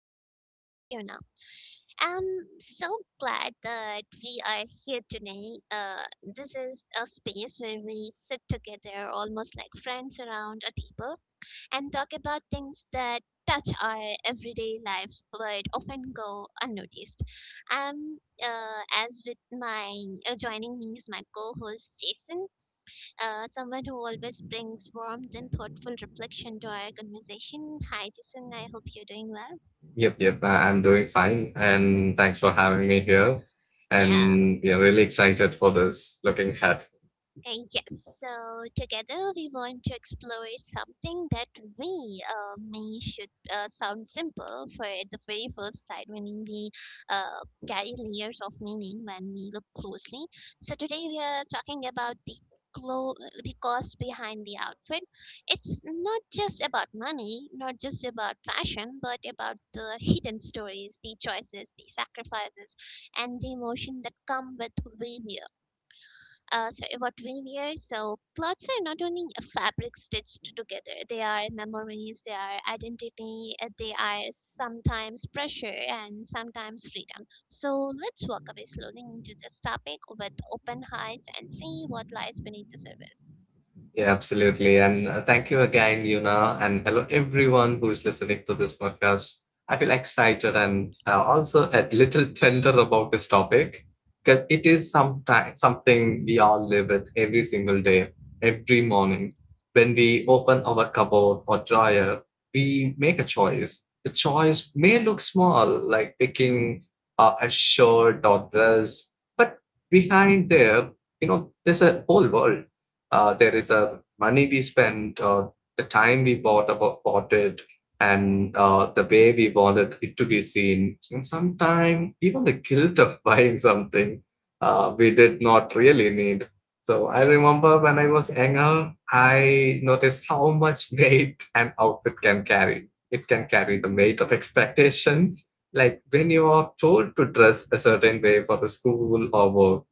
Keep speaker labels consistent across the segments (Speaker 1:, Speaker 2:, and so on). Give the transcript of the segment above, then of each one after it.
Speaker 1: your host, Yuna. I'm so glad that we are here today. This is a space where we sit together, almost like friends around a table, and talk about things that touch our everyday lives but often go unnoticed. As with my Joining me is my co-host Jason, someone who always brings warmth and thoughtful reflection to our conversation. Hi, Jason. I hope you're doing well.
Speaker 2: Yep, yep. I'm doing fine. And thanks for having me here.
Speaker 1: Yeah.
Speaker 2: And we are really excited for this looking ahead.
Speaker 1: And yes, so together we want to explore something that we, me should sound simple for at the very first sight when we uh, carry layers of meaning when we look closely. So today we are talking about the clo- the cost behind the outfit. It's not just about money, not just about fashion, but about the hidden stories, the choices, the sacrifices, and the emotion that come with wearing what we wear. So clothes are not only a fabric stitched together; they are memories, they are identity, they are sometimes pressure and sometimes freedom. So let's walk away slowly into this topic with open hearts and see what lies beneath the surface.
Speaker 2: Yeah, absolutely. And thank you again, Yuna, and hello everyone who is listening to this podcast. I feel excited and also a little tender about this topic because it is something we all live with every single day, every morning. When we open our cupboard or dryer, we make a choice. The choice may look small, like picking a shirt or dress, but behind there, there's a whole world there is a money we spent or the time we bought it and the way we wanted it to be seen, and sometimes even the guilt of buying something we did not really need. So I
Speaker 1: Yeah.
Speaker 2: remember when I was younger, I noticed how much weight an outfit can carry. It can carry the weight of
Speaker 1: Hmm.
Speaker 2: expectation, like when you are told to dress a certain way for the school or work.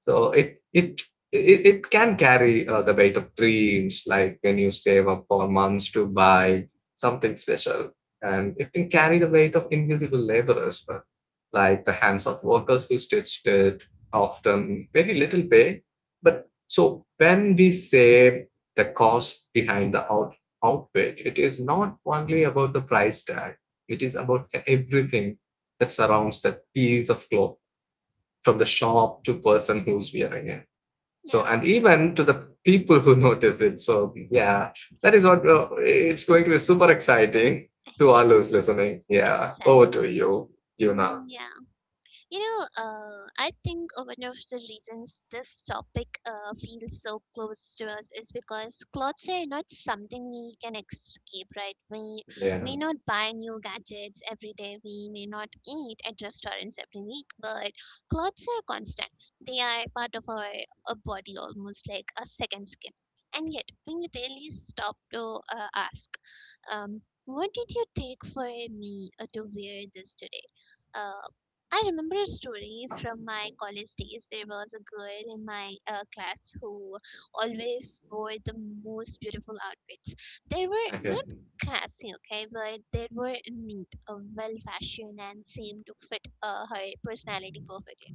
Speaker 2: So it can carry the weight of dreams, like when you save up for months to buy something special, and it can carry the weight of invisible labor as well, like the hands of workers who stitched it, often very little pay. But so when we say the cost behind the outfit, it is not only about the price tag; it is about everything that surrounds that piece of clothing, from the shop to person who's wearing it, so
Speaker 1: Yeah.
Speaker 2: and even to the people who notice it. So yeah, that is what it's going to be super exciting to all who's
Speaker 1: Yes.
Speaker 2: listening. Yeah, over to
Speaker 1: Exactly.
Speaker 2: you, yuna.
Speaker 1: Mm, yeah. You know, I think one of the reasons this topic feels so close to us is because clothes are not something we can escape, right? We
Speaker 2: Yeah,
Speaker 1: may not buy new gadgets every day, we may not eat at restaurants every week, but clothes are constant. They are part of our, body, almost like a second skin. And yet, when you really stop to ask, what did you take for me to wear this today? uh, I remember a story from my college days. There was a girl in my class who always wore the most beautiful outfits. They were
Speaker 2: okay.
Speaker 1: not classy, okay, but they were neat, well fashioned, and seemed to fit her personality perfectly.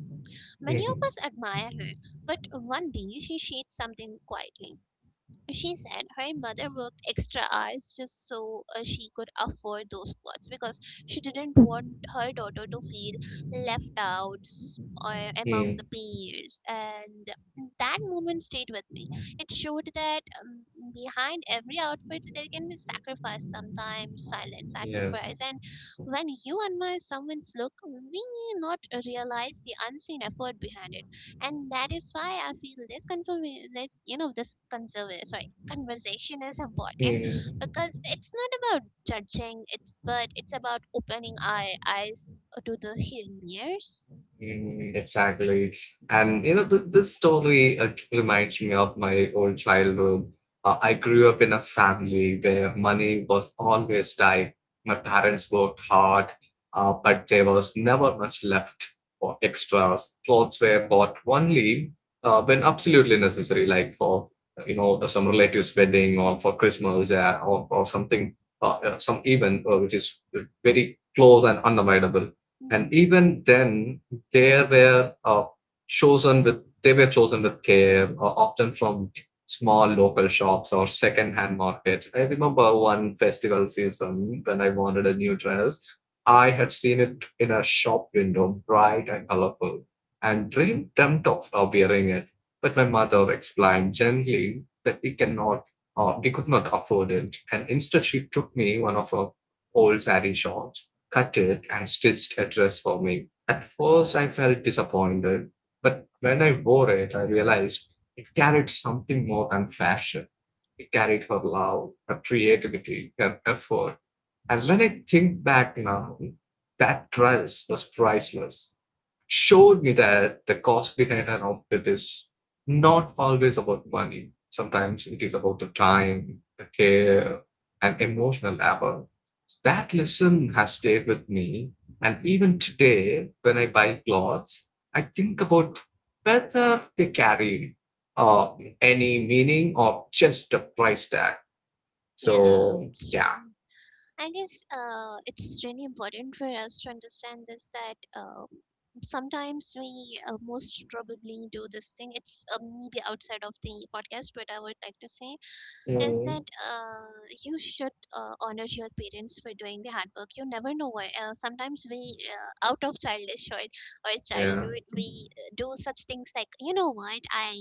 Speaker 1: Many of us admire her, but one day she shared something quietly. She said her mother worked extra hours just so she could afford those clothes because she didn't want her daughter to feel left out or among
Speaker 2: Yeah.
Speaker 1: the peers. And that moment stayed with me. It showed that behind every outfit there can be sacrifice, sometimes silent sacrifice. And when you admire someone's look, we may not realize the unseen effort behind it, and that is why I feel this conver- this you know this conserva- sorry conversation is important,
Speaker 2: Yeah.
Speaker 1: because it's not about judging, it's but it's about opening our eyes to the hidden mirrors.
Speaker 2: Mm, exactly. And you know, this story reminds me of my own childhood. I grew up in a family where money was always tight. My parents worked hard, but there was never much left for extras. Clothes were bought only when absolutely necessary, like for you know some relative's wedding or for Christmas, yeah, or something, some event which is very close and unavoidable. And
Speaker 1: Hmm.
Speaker 2: even then, they were chosen with they were chosen with care, often from small local shops or second-hand markets. I remember one festival season when I wanted a new dress. I had seen it in a shop window, bright and colorful, and dreamed dreamt of wearing it. But my mother explained gently that we could not afford it, and instead she took me one of her old saree shops, cut it, and stitched a dress for me. At first, I felt disappointed, but when I wore it, I realized it carried something more than fashion. It carried her love, her creativity, her effort. And when
Speaker 1: True.
Speaker 2: I think back now, that dress was priceless, showed me that the cost behind an outfit is not always about money. Sometimes it is about the time, the care, and emotional labor. That lesson has stayed with me. And even today, when I buy clothes, I think about whether they carry uh, any meaning or just a price tag.
Speaker 1: Yeah.
Speaker 2: So,
Speaker 1: True.
Speaker 2: yeah.
Speaker 1: I guess it's really important for us to understand this, that sometimes we most probably do this thing. It's maybe outside of the podcast, but I would like to say is
Speaker 2: Mm,
Speaker 1: that uh, you should honor your parents for doing the hard work. You never know why. Sometimes we, out of childish or
Speaker 2: yeah.
Speaker 1: childhood, we do such things like, you know what, I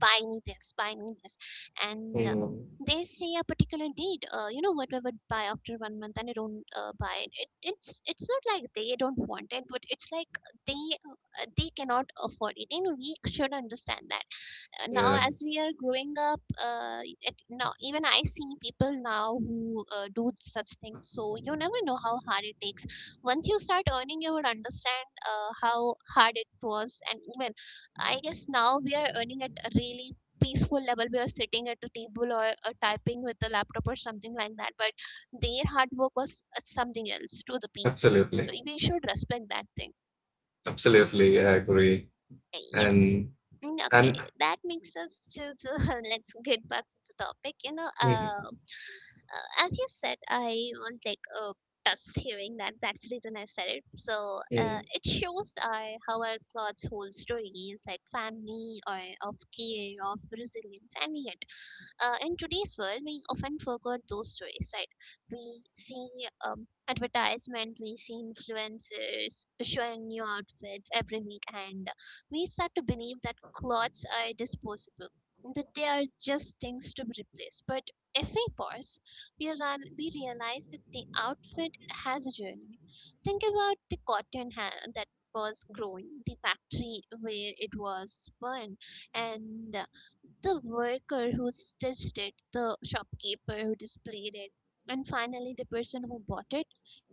Speaker 1: buy me this, buy me this. And
Speaker 2: Mm,
Speaker 1: they say a particular date, you know what, we would buy after one month and they don't buy it. It's not like they don't want it, but it's like they cannot afford it. You know, we should understand that
Speaker 2: yeah.
Speaker 1: now as we are growing up, now even I see people now who do such things, so you never know how hard it takes. Once you start earning you would understand how hard it was. And even I guess now we are earning at a really peaceful level, we are sitting at a table or typing with the laptop or something like that, but their hard work was something else to the peak, so
Speaker 2: Absolutely.
Speaker 1: we should respect that thing.
Speaker 2: Absolutely. I agree.
Speaker 1: Yes.
Speaker 2: And
Speaker 1: Mm. Okay,
Speaker 2: and
Speaker 1: that makes us to the let's get back to the topic. You know,
Speaker 2: mm,
Speaker 1: as you said, I was like touched hearing that. That's the reason I said it. So
Speaker 2: mm,
Speaker 1: it shows our how our clothes hold stories, like family or of care, of resilience, and yet in today's world, we often forget those stories, right? We see advertisement, we see influencers showing new outfits every week, and we start to believe that clothes are disposable, that they are just things to be replaced. But if we pause, we realize that the outfit has a journey. Think about the cotton that was growing, the factory where it was spun, and the worker who stitched it, the shopkeeper who displayed it, and finally the person who bought it.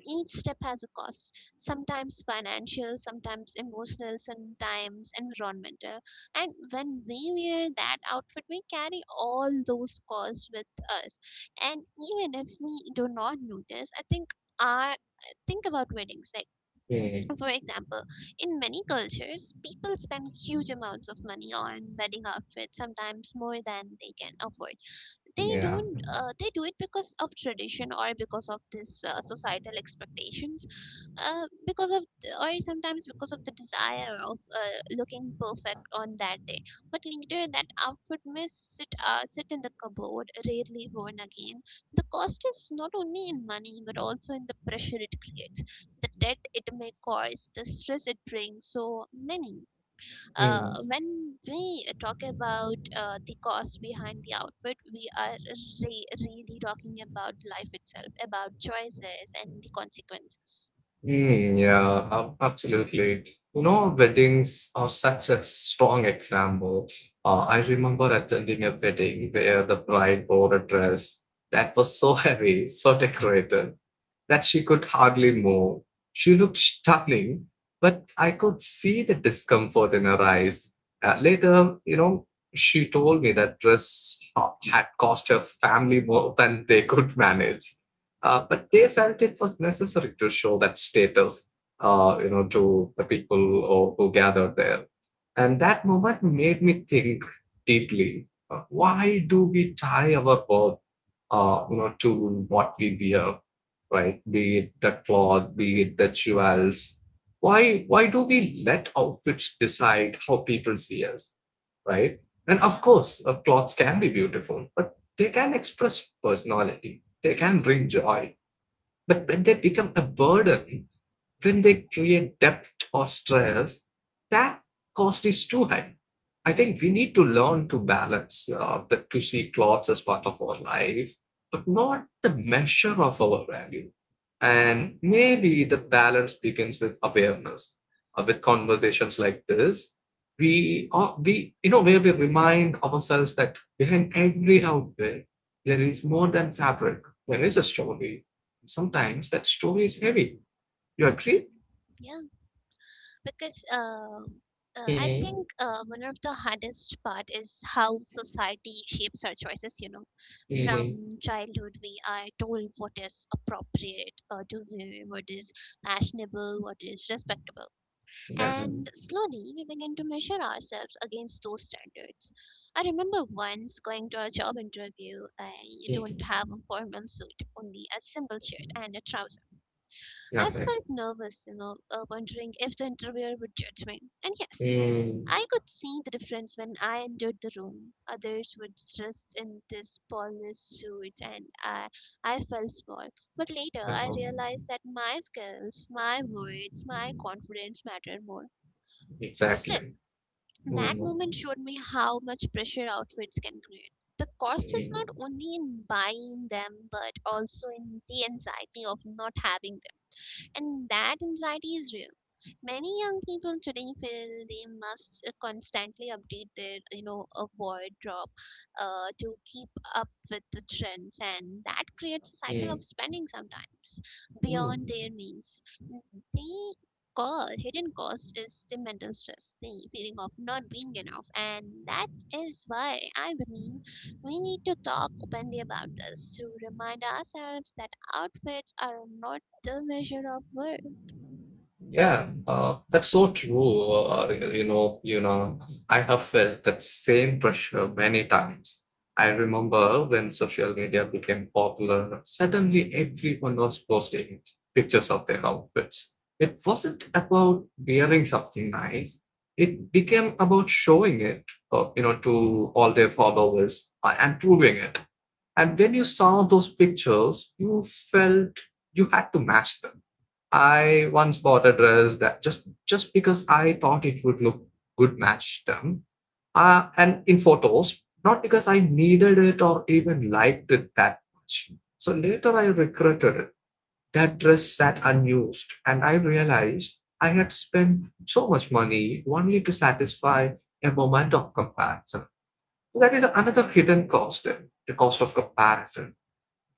Speaker 1: Each step has a cost, sometimes financial, sometimes emotional, sometimes environmental. And when we wear that outfit, we carry all those costs with us. And even if we do not notice, I think our think about weddings. Like
Speaker 2: mm,
Speaker 1: for example, in many cultures, people spend huge amounts of money on wedding outfits, sometimes more than they can afford. They
Speaker 2: yeah.
Speaker 1: don't, they do it because of tradition or because of this societal expectations, because of or sometimes because of the desire of looking perfect on that day, but later that outfit may sit in the cupboard rarely worn again. The cost is not only in money but also in the pressure it creates, the debt it may cause, the stress it brings so many.
Speaker 2: Mm.
Speaker 1: When we talk about the cost behind the outfit, we are really talking about life itself, about choices and the consequences.
Speaker 2: Mm, yeah, absolutely. You know, weddings are such a strong example. I remember attending a wedding where the bride wore a dress that was so heavy, so decorated, that she could hardly move. She looked stunning, but I could see the discomfort in her eyes. Later, you know, she told me that dress had cost her family more than they could manage. But they felt it was necessary to show that status, to the people or, who gathered there. And that moment made me think deeply. Why do we tie our worth, to what we wear? Right? Be it the cloth, be it the jewels. Why do we let outfits decide how people see us, right? And
Speaker 1: Yeah,
Speaker 2: of course, clothes can be beautiful, but they can express personality. They can
Speaker 1: yes.
Speaker 2: bring joy, but when they become a burden, when they create depth or stress, that cost is too high. I think we need to
Speaker 1: Mm,
Speaker 2: learn to balance to see clothes as part of our life, but not the measure of our value. And maybe the balance begins with awareness, with conversations like this. Where we remind ourselves that behind every outfit, there is more than fabric. There is a story, sometimes that story is heavy. You
Speaker 1: yeah,
Speaker 2: agree?
Speaker 1: yeah. Because I
Speaker 2: Mm,
Speaker 1: think one of the hardest part is how society shapes our choices, you know.
Speaker 2: mm,
Speaker 1: From childhood, we are told what is appropriate, to wear, what is fashionable, what is respectable.
Speaker 2: Yeah.
Speaker 1: And slowly we begin to measure ourselves against those standards. I remember once going to a job interview. I don't
Speaker 2: Mm,
Speaker 1: have a formal suit, only a simple shirt and a trouser.
Speaker 2: Yeah.
Speaker 1: I
Speaker 2: Okay.
Speaker 1: felt nervous, you know, wondering if the interviewer would judge me. And yes,
Speaker 2: mm,
Speaker 1: I could see the difference when I entered the room. Others were dressed in this polished suits, and I felt small. But later, I realized
Speaker 2: Um,
Speaker 1: that my skills, my words, my confidence mattered more. Still,
Speaker 2: Exactly.
Speaker 1: that
Speaker 2: mm, mm,
Speaker 1: moment showed me how much pressure outfits can create. The cost is
Speaker 2: eh,
Speaker 1: not only in buying them, but also in the anxiety of not having them. And that anxiety is real. Many young people today feel they must constantly update their a wardrobe to keep up with the trends, and that creates a cycle
Speaker 2: eh,
Speaker 1: of spending sometimes beyond their
Speaker 2: mm.
Speaker 1: means. The cause hidden cost is the mental stress, the feeling of not being enough. And that is why I believe we need to talk openly about this, to remind ourselves that outfits are not the measure of worth.
Speaker 2: Yeah, that's so true. I have felt that same pressure many times. I remember when social media became popular, suddenly everyone was posting pictures of their outfits. It wasn't about wearing something nice. It became about showing it, to all their followers and proving it. And when you saw those pictures, you felt you had to match them. I once bought a dress that just because I thought it would look good match them, and in photos, not because I needed it or even liked it that much. So later I regretted it. That dress sat unused, and I realized I had spent so much money only to satisfy a moment of comparison. So that is another hidden cost, the cost of comparison.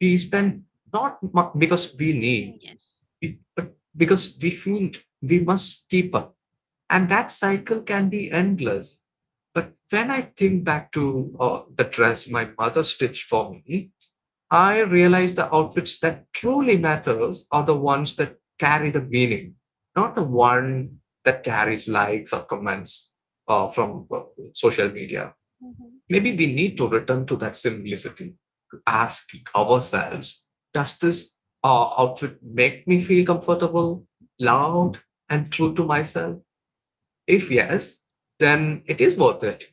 Speaker 2: We spend not mu- because we need,
Speaker 1: Yes.
Speaker 2: but because we feel we must keep up, and that cycle can be endless. But when I think back to the dress my mother stitched for me, I realize the outfits that truly matters are the ones that carry the meaning, not the one that carries likes or comments from social media.
Speaker 1: Hmm.
Speaker 2: Maybe we need to return to that simplicity, to ask ourselves, does this outfit make me feel comfortable, loud, and true to myself? If yes, then it is worth it.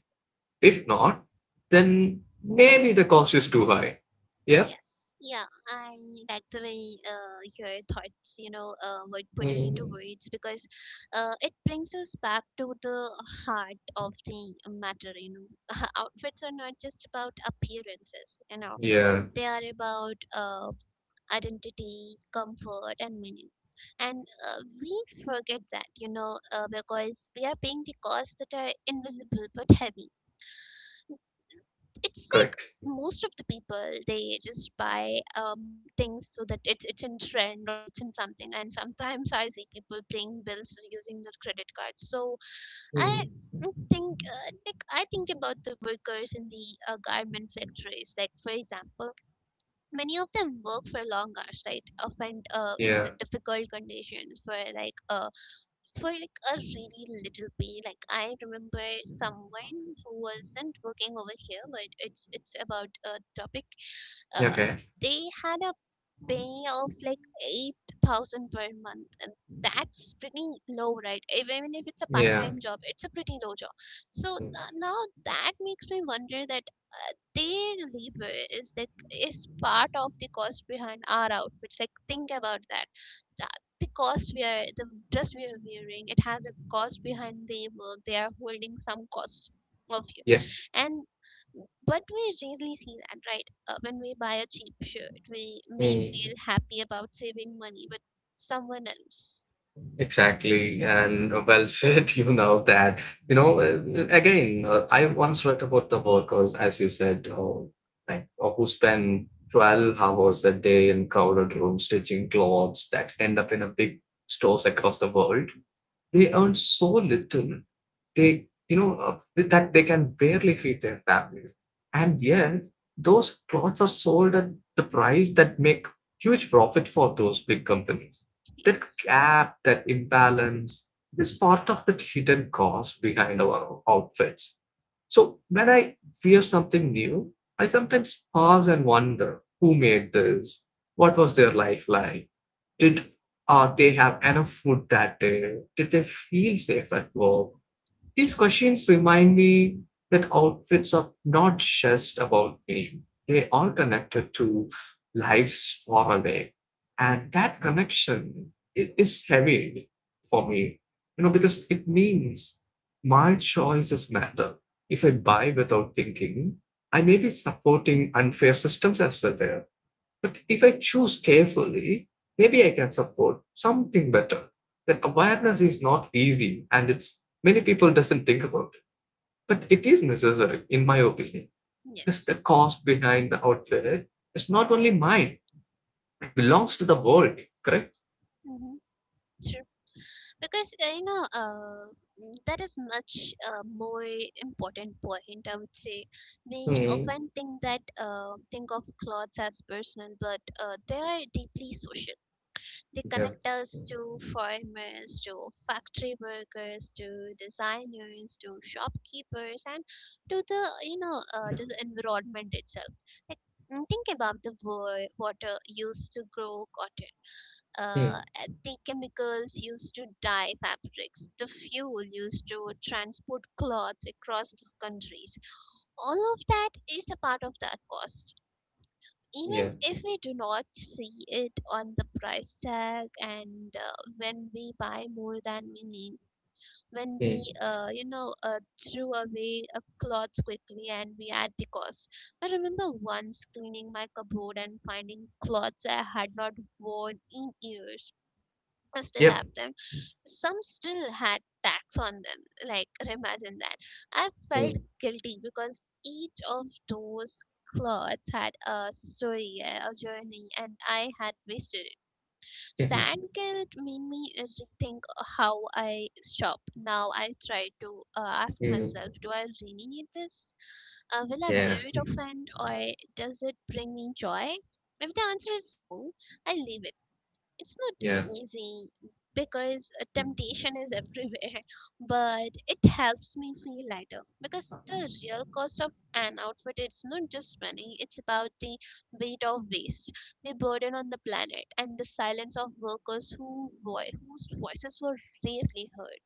Speaker 2: If not, then maybe the cost is too high. Yeah?
Speaker 1: Yes. Yeah, I like the way your thoughts, you know, would put it into
Speaker 2: Mm.
Speaker 1: words, because it brings us back to the heart of the matter. You know, outfits are not just about appearances. You know,
Speaker 2: Yeah,
Speaker 1: they are about identity, comfort, and meaning. And we forget that, you know, because we are paying the costs that are invisible but heavy. It's like
Speaker 2: correct.
Speaker 1: most of the people, they just buy things so that it's in trend or it's in something, and sometimes I see people paying bills using their credit cards. So I
Speaker 2: Mm.
Speaker 1: think like I think about the workers in the garment factories, like for example many of them work for long hours, right, often in the
Speaker 2: Yeah.
Speaker 1: difficult conditions for like a really little pay. Like I remember someone who wasn't working over here, but it's about a topic. Uh,
Speaker 2: Okay.
Speaker 1: they had a pay of like 8,000 per month. And that's pretty low, right? Even if it's a
Speaker 2: Yeah.
Speaker 1: part-time job, it's a pretty low job. So
Speaker 2: Mm.
Speaker 1: now that makes me wonder that their labor is like is part of the cost behind our outfits, like think about that, that the cost we are, the dress we are wearing, it has a cost behind their work, they are holding some cost of you.
Speaker 2: Yeah.
Speaker 1: And but we rarely see that, right? When we buy a cheap shirt we may feel
Speaker 2: Mm.
Speaker 1: happy about saving money, but someone else.
Speaker 2: Exactly, and well said. You know that Again, I once read about the workers, as you said, who spend 12 hours a day in crowded rooms stitching clothes that end up in a big stores across the world. They earn so little, they you know that they can barely feed their families, and yet those plots are sold at the price that make huge profit for those big companies. That
Speaker 1: Yes.
Speaker 2: gap, that imbalance, is part of the hidden cost behind our outfits. So when I wear something new, I sometimes pause and wonder who made this, what was their life like, did they have enough food that day, did they feel safe at work. These
Speaker 1: True.
Speaker 2: questions remind me that outfits are not just about name, they are connected to lives far away. And that connection it is heavy for me, you know, because it means my choices matter. If I buy without thinking, I may be supporting unfair systems as well there. But if I choose carefully, maybe I can support something better. That awareness is not easy, and it's many people doesn't think about it. But it is necessary, in my opinion. Because the
Speaker 1: Yes.
Speaker 2: cost behind the outfit is not only mine, it belongs to the world, correct?
Speaker 1: Mm-hmm. because you know mm, That is much more important point, I would say. We
Speaker 2: Mm,
Speaker 1: often think that think of clothes as personal, but they are deeply social. They
Speaker 2: yeah.
Speaker 1: connect us to farmers, to factory workers, to designers, to shopkeepers, and to the you know to the environment itself. like think about the water used to grow cotton,
Speaker 2: Mm,
Speaker 1: at the chemicals used to dye fabrics, the fuel used to transport cloths across the countries. All of that is a part of that cost.
Speaker 2: yeah.
Speaker 1: Even if we do not see it on the price tag. And When we buy more than we need, when we,
Speaker 2: Mm,
Speaker 1: uh, you know, uh, threw away clothes quickly, and we add the cost. I remember once cleaning my cupboard and finding clothes I had not worn in years. I still
Speaker 2: yep.
Speaker 1: have them, some still had tax on them. Like, imagine that. I felt
Speaker 2: Mm,
Speaker 1: guilty because each of those clothes had a story, a journey, and I had wasted it. That guilt made me rethink how I shop. Now I try to ask myself,
Speaker 2: mm,
Speaker 1: do I really need this? Will I
Speaker 2: yeah.
Speaker 1: wear it often, or does it bring me joy? If the answer is no, I leave it. It's
Speaker 2: Yeah.
Speaker 1: not easy because temptation is everywhere, but it helps me feel lighter, because the real cost of an outfit, it's not just money. It's about the weight of waste, the burden on the planet, and the silence of workers whose voices were rarely heard.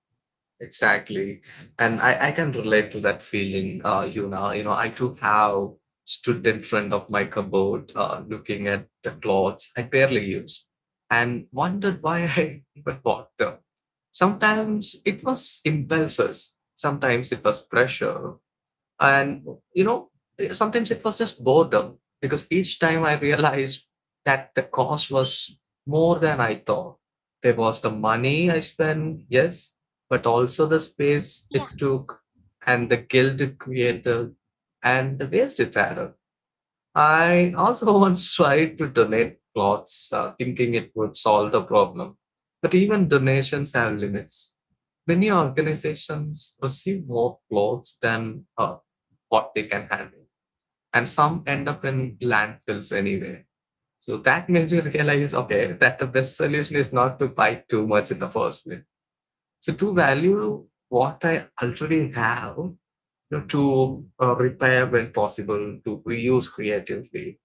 Speaker 2: Exactly. And I can relate to that feeling, Yuna. You know, I too have stood in front of my cupboard looking at the clothes I barely used and wondered why I even bought them. Sometimes it was impulses, sometimes it was pressure, and, you know, sometimes it was just boredom, because each time I realized that the cost was more than I thought. There was the money I spent, yes, but also the space
Speaker 1: Yeah,
Speaker 2: it took, and the guilt it created, and the waste it had. Up. I also once tried to donate clothes, thinking it would solve the problem. But even donations have limits, many organizations receive more clothes than what they can handle, and some end up in landfills anyway. So that made me realize, okay, that the best solution is not to buy too much in the first place, so to value what I already have, you know, to repair when possible, to reuse creatively.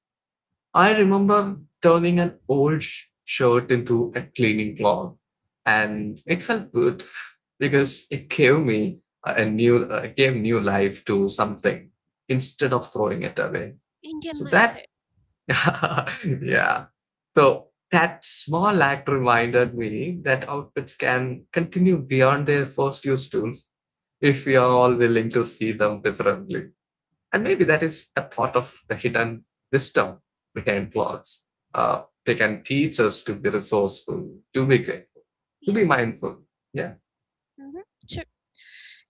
Speaker 2: I remember turning an old shirt into a cleaning cloth, and it felt good because it gave me a new, gave new life to something instead of throwing it away.
Speaker 1: Indian
Speaker 2: So
Speaker 1: mindset.
Speaker 2: that, yeah. So that small act reminded me that outfits can continue beyond their first use too if we are all willing to see them differently. And maybe that is a part of the hidden wisdom behind blogs. They can teach us to be resourceful, to be grateful, to
Speaker 1: Yeah.
Speaker 2: be mindful. Yeah.
Speaker 1: Mm-hmm.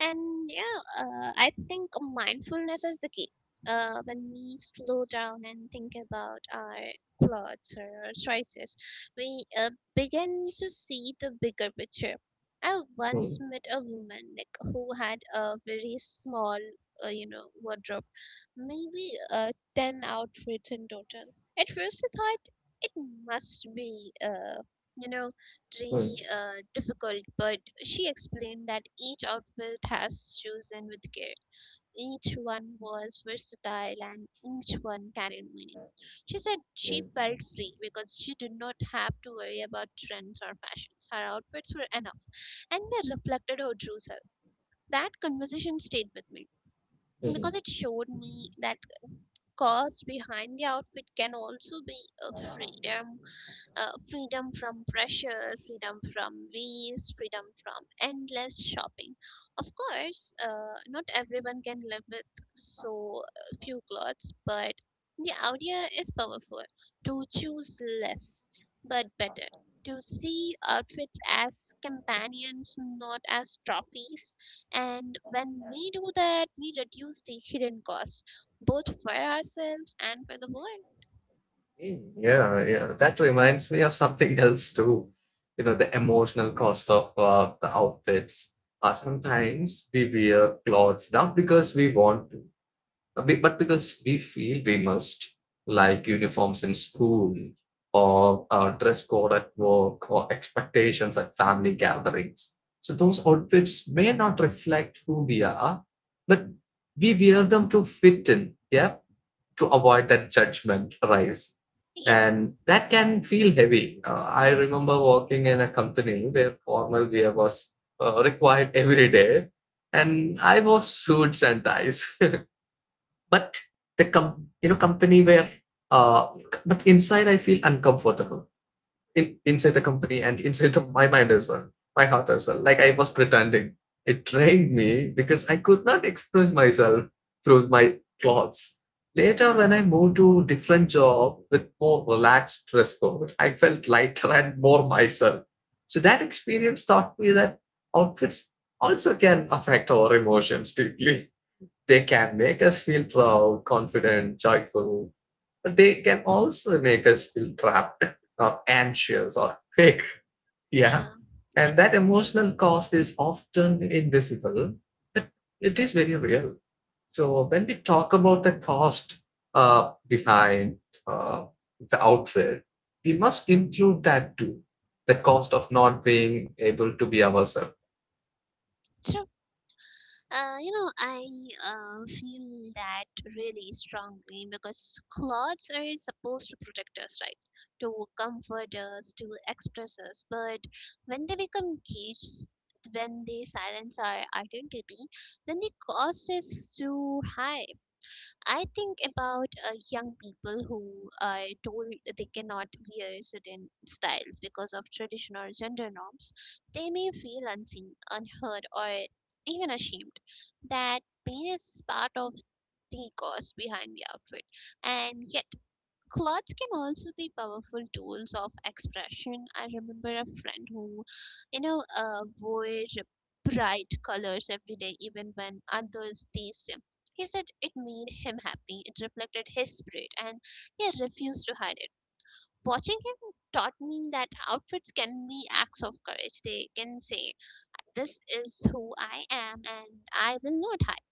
Speaker 1: And yeah, I think mindfulness is the key. When we slow down and think about our thoughts or our choices, we begin to see the bigger picture. I once
Speaker 2: Mm,
Speaker 1: met a woman, like, who had a very small, wardrobe, maybe 10 outfits in total. At first, I thought it must be, you know,
Speaker 2: mm,
Speaker 1: trainee, difficult, but she explained that each outfit has chosen with care. Each one was versatile and each one carried meaning. She said
Speaker 2: yeah.
Speaker 1: she felt free because she did not have to worry about trends or fashions. Her outfits were enough and they reflected her true self. That conversation stayed with me
Speaker 2: Mm,
Speaker 1: because it showed me that cause behind the outfit can also be freedom. Freedom from pressure, freedom from waste, freedom from endless shopping. Of course, not everyone can live with so few clothes, but the idea is powerful: to choose less but better. To see outfits as companions, not as trophies. And when we do that, we reduce the hidden costs, both for ourselves and for the world.
Speaker 2: mm. Yeah, yeah, that reminds me of something else too. You know, the emotional cost of the outfits. Sometimes we wear clothes not because we want to, but because we feel we must, like uniforms in school or dress code at work or expectations at family gatherings. So those outfits may not reflect who we are, but we wear them to fit in, yeah, to avoid that judgment rise. And
Speaker 1: Yes.
Speaker 2: that can feel heavy. I remember working in a company where formal wear was required every day, and I was suits and ties. But you know, company where uh, but inside I feel uncomfortable in inside the company and inside my mind as well, my heart as well. Like I was pretending. It drained me because I could not express myself through my clothes. Later, when I moved to different job with more relaxed dress code, I felt lighter and more myself. So that experience taught me that outfits also can affect our emotions deeply. They can make us feel proud, confident, joyful, but they can also make us feel trapped or anxious or fake. Yeah.
Speaker 1: Yeah.
Speaker 2: And that
Speaker 1: Yes.
Speaker 2: emotional cost is often invisible, but it is very real. So when we talk about the cost behind uh, the outfit, we must include that too. The cost of not being able to be ourselves.
Speaker 1: So, I feel that really strongly, because clothes are supposed to protect us, right? To comfort us, to express us. But when they become cages, when they silence our identity, then the cost is too high. I think about young people who are told they cannot wear certain styles because of traditional gender norms. They may feel unseen, unheard, or even ashamed. That pain is part of the cause behind the outfit. And yet, clothes can also be powerful tools of expression. I remember a friend who, wore bright colors every day, even when others teased him. He said it made him happy, it reflected his spirit, and he refused to hide it. Watching him taught me that outfits can be acts of courage. They can say, this is who I am, and I will not hide.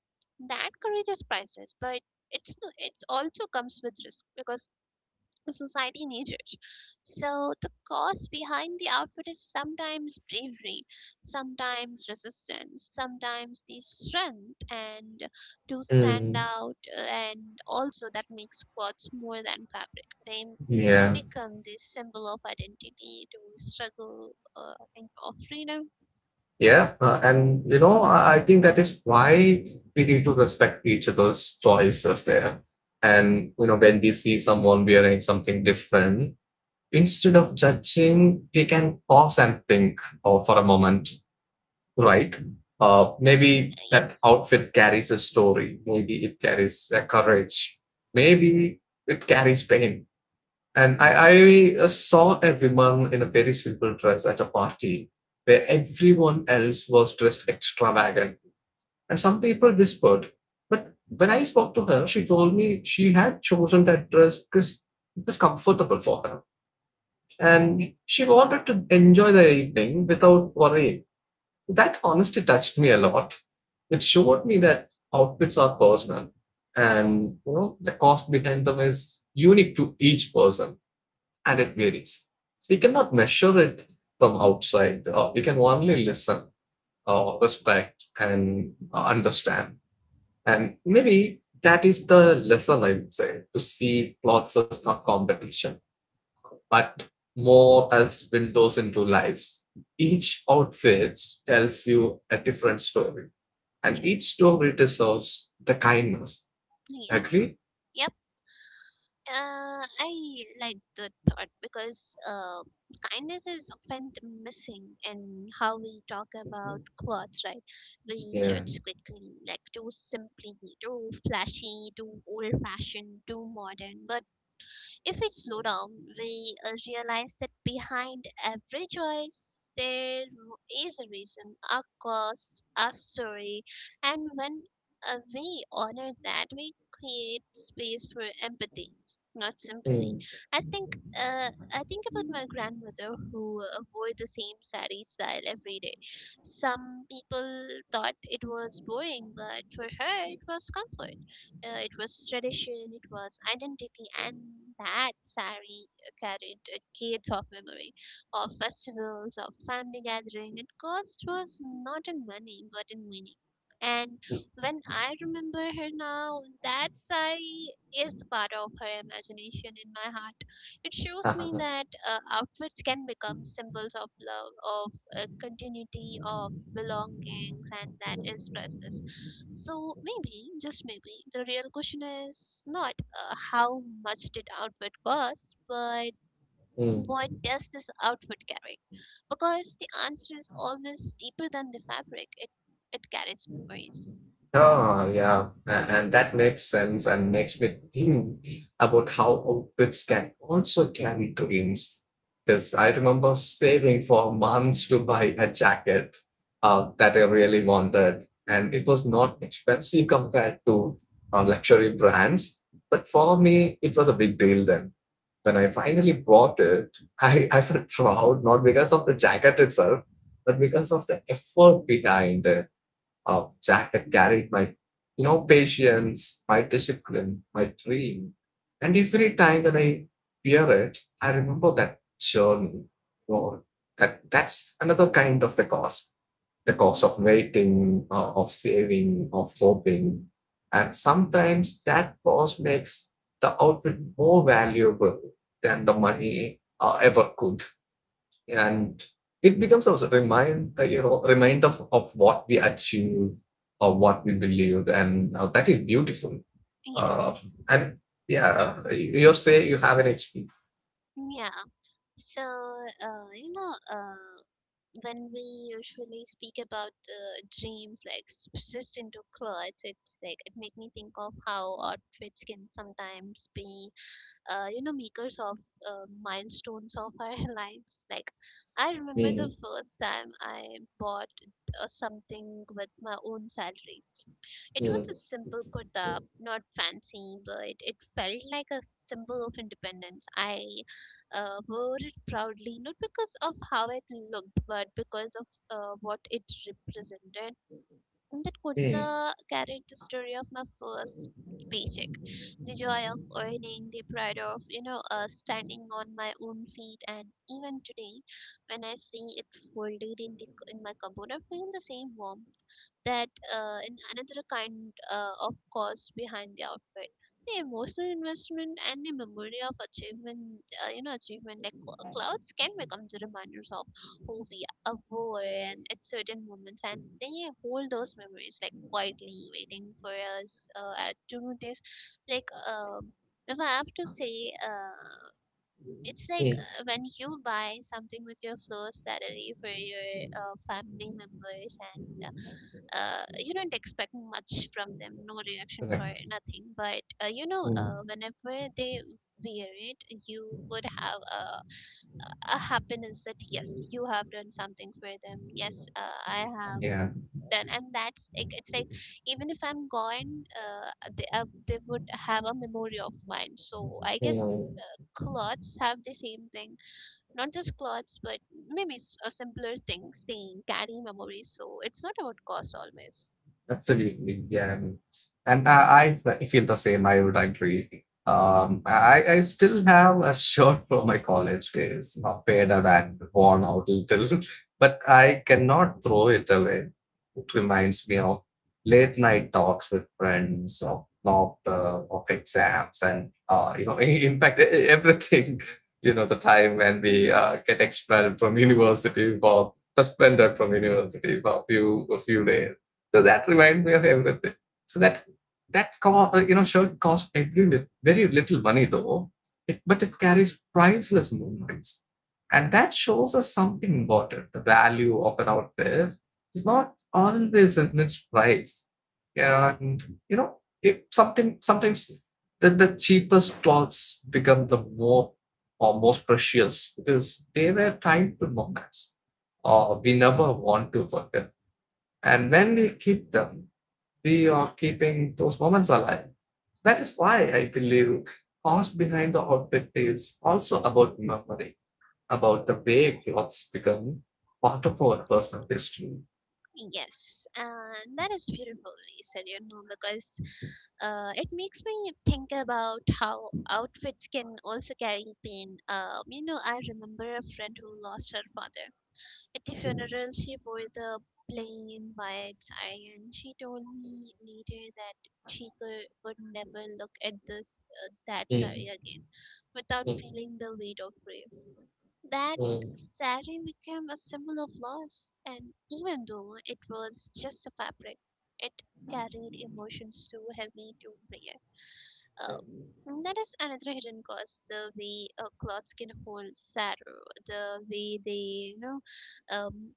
Speaker 1: That courage is priceless, but it's, no- it's also comes with risk, because society needed. So the cause behind the outfit is sometimes bravery, sometimes resistance, sometimes the strength and to stand
Speaker 2: Mm,
Speaker 1: out, and also that makes clothes more than fabric. They
Speaker 2: yeah.
Speaker 1: become the symbol of identity, to struggle, and of freedom.
Speaker 2: Yeah, and you know, I think that is why we need to respect each other's choices there. And you know, when we see someone wearing something different, instead of judging, we can pause and think for a moment, right? Maybe that
Speaker 1: Yes,
Speaker 2: outfit carries a story. Maybe it carries a courage. Maybe it carries pain. And I saw everyone in a very simple dress at a party where everyone else was dressed extravagant. And some people whispered. But when I spoke to her, she told me she had chosen that dress because it was comfortable for her. And she wanted to enjoy the evening without worrying. So that honesty touched me a lot. It showed me that outfits are personal, and you know, the cost behind them is unique to each person and it varies. So we cannot measure it from outside. We can only listen, respect, and understand. And maybe that is the lesson I would say, to see plots as not competition, but more as windows into lives. Each outfit tells you a different story, and each
Speaker 1: yes,
Speaker 2: story deserves the kindness.
Speaker 1: yes.
Speaker 2: Agree?
Speaker 1: Yep. I like the thought, because kindness is often missing in how we talk about clothes, right? We
Speaker 2: Yeah.
Speaker 1: judge quickly, like too simply, too flashy, too old fashioned, too modern. But if we slow down, we realize that behind every choice, there is a reason, a cost, a story. And when we honor that, we create space for empathy, not sympathy.
Speaker 2: Mm.
Speaker 1: I think about my grandmother who wore the same sari style every day. Some people thought it was boring, but for her it was comfort. It was tradition, it was identity, and that sari carried decades of memory of festivals, of family gathering. It cost was not in money but in meaning. And when I remember her now, that sari is the part of her imagination in my heart. It shows me that outfits can become symbols of love, of a continuity of belongings, and that is priceless. So maybe, just maybe, the real question is not how much did outfit cost, but
Speaker 2: Mm.
Speaker 1: what does this outfit carry? Because the answer is always deeper than the fabric. It carries memories.
Speaker 2: Oh, yeah. And that makes sense and makes me think about how outfits can also carry dreams. Because I remember saving for months to buy a jacket that I really wanted. And it was not expensive compared to luxury brands. But for me, it was a big deal then. When I finally bought it, I felt proud, not because of the jacket itself, but because of the effort behind it, of Jack that carried my, you know, patience, my discipline, my dream. And every time that I wear it, I remember that journey. Or that's another kind of the cost. The cost
Speaker 1: Mhm.
Speaker 2: of waiting, of saving, of hoping. And sometimes that cost makes the outfit more valuable than the money ever could, and it becomes a remind, like, you know, reminder of what we achieved or what we believed, and that is beautiful. uh,
Speaker 1: Yes.
Speaker 2: and yeah, you say you have an hp.
Speaker 1: Yeah. So when we usually speak about the dreams, like just into clothes, it's like it make me think of how outfits can sometimes be makers of milestones of our lives. Like, I remember the
Speaker 2: Mm,
Speaker 1: first time I bought something with my own salary. It was
Speaker 2: mm,
Speaker 1: a simple kurta,
Speaker 2: mm,
Speaker 1: not fancy, but it felt like a symbol of independence. I wore it proudly, not because of how it looked, but because of what it represented. And that
Speaker 2: mm,
Speaker 1: kurta carried the story of my first paycheck, the joy of earning, the pride of, standing on my own feet, and even today, when I see it folded in the in my cupboard, I feel the same warmth. That In another kind of cost behind the outfit, the emotional investment and the memory of achievement, achievement, like clouds can become the reminders of who we were and at certain moments, and they hold those memories, like quietly waiting for us to notice. Like, if I have to say, it's like
Speaker 2: mm.
Speaker 1: when you buy something with your first salary for your family members and you don't expect much from them, no reactions or
Speaker 2: Correct.
Speaker 1: nothing. But
Speaker 2: Mm,
Speaker 1: whenever they wear it, you would have a happiness that yes, you have done something for them. Yes, I have
Speaker 2: yeah.
Speaker 1: done, and that's like it's like even if I'm gone, they would have a memory of mine. So I guess,
Speaker 2: Mm.
Speaker 1: Clothes have the same thing. Not just clothes, but maybe a simpler thing saying carrying memories. So it's not about cost always.
Speaker 2: Absolutely, yeah. And I feel the same. I would agree. Um, I still have a shirt from my college days, not faded and worn out little, but I cannot throw it away. It reminds me of late night talks with friends, of laughter, of exams, and you know, in fact, everything. You know, the time when we
Speaker 1: Mm-hmm.
Speaker 2: get expelled from university for suspended from university for a few days, so that reminded me of everything. So that that you know, shirt cost every very little money though, it, but it carries priceless moments, and that shows us something important. The value of an outfit is not always in its price, and you know, it something sometimes the cheapest clothes become the more or most precious because they were trying to moments or we never want to forget, and when we keep them, we are keeping those moments alive. That is why I believe cost behind the outfit is also about memory, about the way clothes become part of our personal history.
Speaker 1: Yes, and that is beautifully said, you know, because it makes me think about how outfits can also carry pain. You know, I remember a friend who lost her father. At the
Speaker 2: Mm,
Speaker 1: funeral, she wore the plain white saree, and she told me later that she could would never look at this that
Speaker 2: mm,
Speaker 1: saree again without
Speaker 2: mm,
Speaker 1: feeling the weight of grief. That
Speaker 2: mm,
Speaker 1: sari became a symbol of loss, and even though it was just a fabric, it carried emotions too heavy to bear. That is another hidden cost. The way clothes can hold sorrow, the way they, um,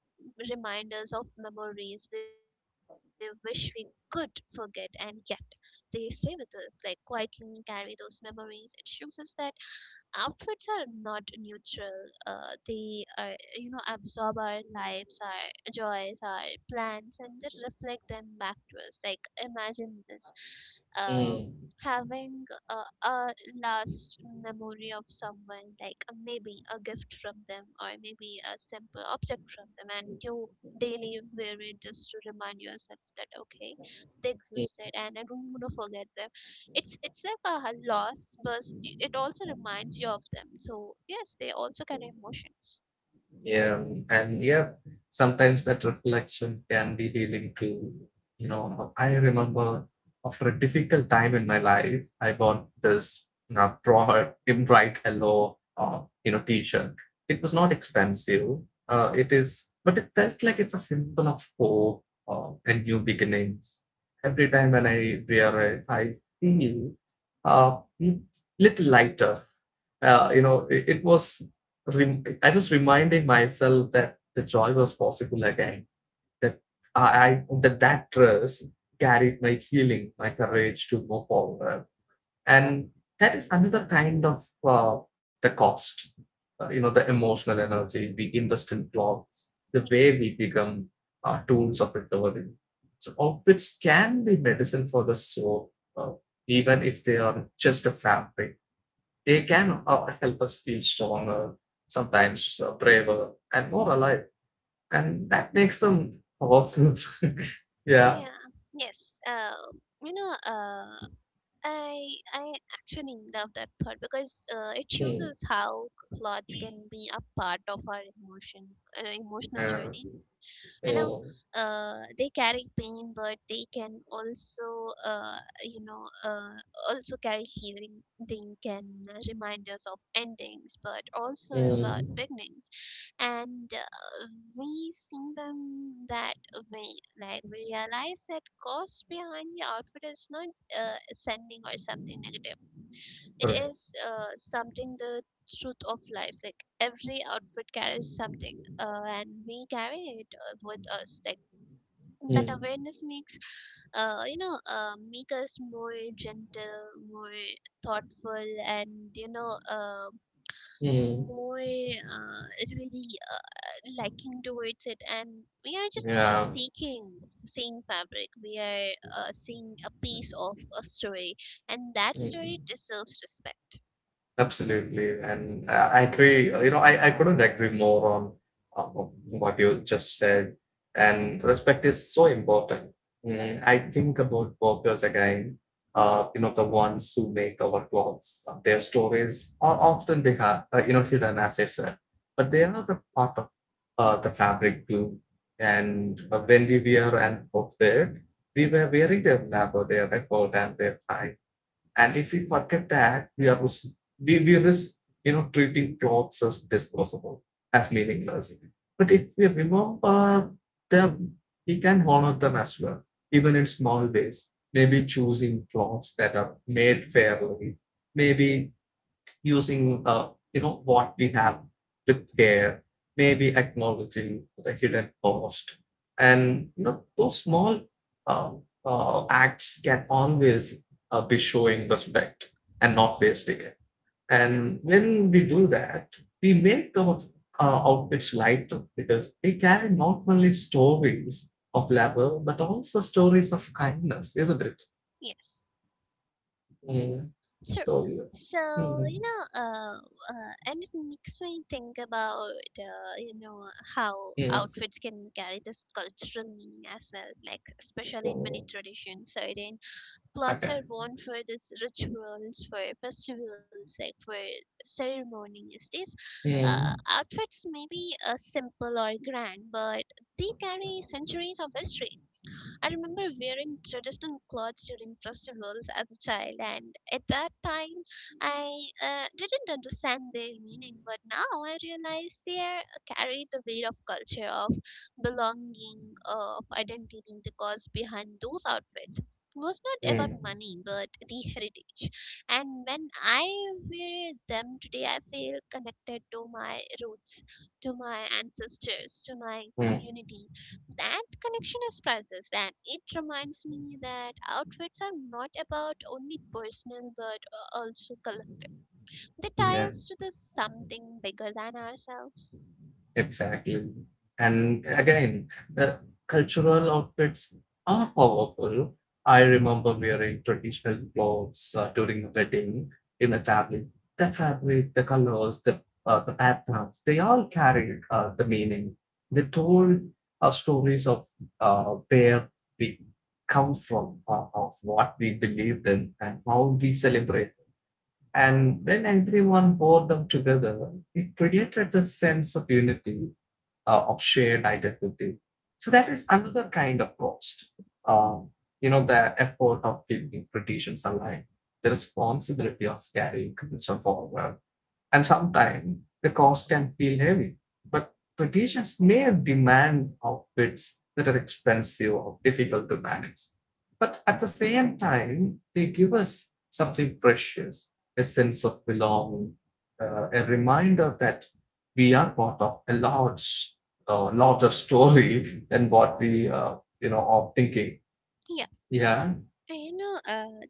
Speaker 1: remind us of memories we wish we could forget, and yet they stay with us, like quietly carry those memories. It shows us that outfits are not neutral. They are, you know, absorb our lives, our joys, our plans, and they reflect them back to us. Like imagine this, um,
Speaker 2: mm,
Speaker 1: having a last memory of someone, like maybe a gift from them, or maybe a simple object from them, and you daily wear it just to remind yourself that okay, they
Speaker 2: mm.
Speaker 1: existed, and I don't want to forget them. It's like a loss, but it also reminds you of them. So yes, they also carry emotions.
Speaker 2: Yeah, and yeah, sometimes that reflection can be healing too. You know, I remember after a difficult time in my life, I bought this broad, in bright yellow, you know, T-shirt. It was not expensive. It is, but it felt like it's a symbol of hope and new beginnings. Every time when I wear it, I feel uh, little lighter, you know, it was, I was reminding myself that the joy was possible again, that that trust carried my healing, my courage to move forward. And that is another kind of the cost, you know, the emotional energy we invest in blocks, the way we
Speaker 1: Yes.
Speaker 2: become tools of recovery. So all which can be medicine for the soul, even if they are just a fabric, they can help us feel stronger, sometimes braver, and more alive. And that makes them powerful. Yeah.
Speaker 1: Yeah. Yes. Uh, you know uh, i i actually love that part, because it shows
Speaker 2: Mm.
Speaker 1: us how clothes can be a part of our emotion, emotional
Speaker 2: Uh,
Speaker 1: journey. you know
Speaker 2: mm.
Speaker 1: they carry pain, but they can also, you know uh, also carry healing. They can remind us of endings but also about
Speaker 2: Mm.
Speaker 1: beginnings. And We see them that way, like we realize that cause behind the outfit is not uh, sending or something negative. It
Speaker 2: Right.
Speaker 1: is something the truth of life. Like every outfit carries something, and we carry it with us. Like that
Speaker 2: Mm.
Speaker 1: awareness makes, make us more gentle, more thoughtful, and
Speaker 2: Mm.
Speaker 1: more really liking towards it. And we are just
Speaker 2: Yeah.
Speaker 1: seeking seeing fabric, we are seeing a piece of a story, and that story
Speaker 2: Mm.
Speaker 1: deserves respect.
Speaker 2: Absolutely, and I agree. You know, I couldn't agree more on uh, what you just said. And respect is so important. Mm, I think about workers again. You know, the ones who make our clothes. Their stories are often they have you know, hidden, as I said, but they are the part of the fabric too. And when we wear an outfit, we were wearing their labor, their effort, and their time, and if we forget that, we are we risk you know, treating clothes as disposable, as meaningless. But if we remember them, we can honor them as well, even in small ways. Maybe choosing clothes that are made fairly, maybe using you know, what we have with care, maybe acknowledging the hidden cost, and you know, those small uh, acts can always be showing respect and not wasting it. And when we do that, we make our outfits lighter because they carry not only stories of labor but also stories of kindness, isn't it?
Speaker 1: Yes,
Speaker 2: Mm.
Speaker 1: sure.
Speaker 2: So yeah.
Speaker 1: So
Speaker 2: Mm.
Speaker 1: and it makes me think about uh, you know how
Speaker 2: Mm.
Speaker 1: outfits can carry this cultural meaning as well, like especially in many
Speaker 2: So,
Speaker 1: traditions. So then clothes
Speaker 2: okay.
Speaker 1: are worn for this rituals, for festivals, like for ceremonies. These uh,
Speaker 2: Mm,
Speaker 1: outfits may be simple or grand, but they carry centuries of history. I remember wearing traditional clothes during festivals as a child, and at that time, I didn't understand their meaning, but now I realize they are, carry the weight of culture, of belonging, of identity. The cause behind those outfits was not about
Speaker 2: mm,
Speaker 1: money but the heritage, and when I wear them today I feel connected to my roots, to my ancestors, to my
Speaker 2: mm.
Speaker 1: community. That connection is priceless, and it reminds me that outfits are not about only personal but also color. They tie
Speaker 2: Yeah,
Speaker 1: us to the something bigger than ourselves.
Speaker 2: exactly. And again, the cultural outfits are powerful. I remember wearing traditional clothes during a wedding in a family. The fabric, the colors, the patterns, they all carried the meaning. They told stories of where we come from, of what we believed in, and how we celebrate. And when everyone bore them together, it created the sense of unity, of shared identity. So that is another kind of cost. Uh, you know, the effort of keeping traditions alive, the responsibility of carrying culture forward, and sometimes the cost can feel heavy. But traditions may demand outfits that are expensive or difficult to manage. But at the same time, they give us something precious, a sense of belonging, a reminder that we are part of a large, larger story than what we, you know, are thinking.
Speaker 1: Yeah,
Speaker 2: Yeah.
Speaker 1: you know, uh,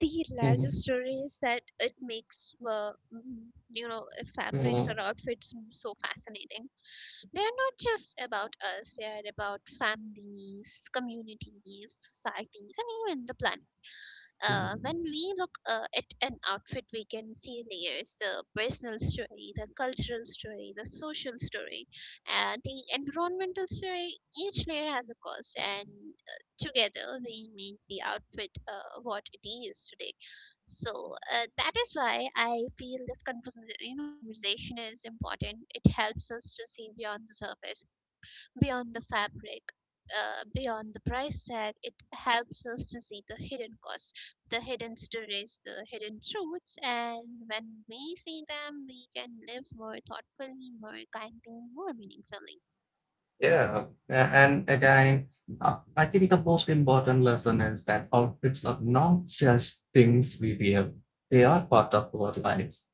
Speaker 1: the larger
Speaker 2: Mhm.
Speaker 1: story is that it makes, fabrics or
Speaker 2: Mhm.
Speaker 1: so fascinating. They are not just about us, they are about families, communities, societies, and even the planet. When
Speaker 2: Mhm.
Speaker 1: we look at an outfit, we can see layers: the personal story, the cultural story, the social story, and the environmental story. Each layer has a cost, and together we make the outfit what it is today. So that is why I feel this conversation is important. It helps us to see beyond the surface, beyond the fabric, beyond the price tag. It helps us to see the hidden costs, the hidden stories, the hidden truths, and when we see them, we can live more thoughtfully, more kindly, more meaningfully.
Speaker 2: Yeah, and again, I think the most important lesson is that outfits are not just things we wear, they are part of our lives.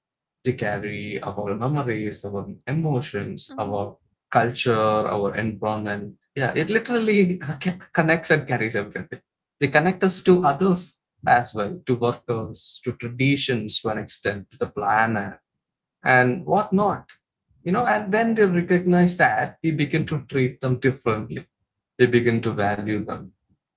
Speaker 2: They carry our memories, our
Speaker 1: Mm-hmm.
Speaker 2: emotions, our culture, our environment. Yeah, it literally connects and carries everything. They connect us to others as well, to workers, to traditions to an extent, to the planet and whatnot. You know, and when they recognize that, we begin to treat them differently. We begin to value them,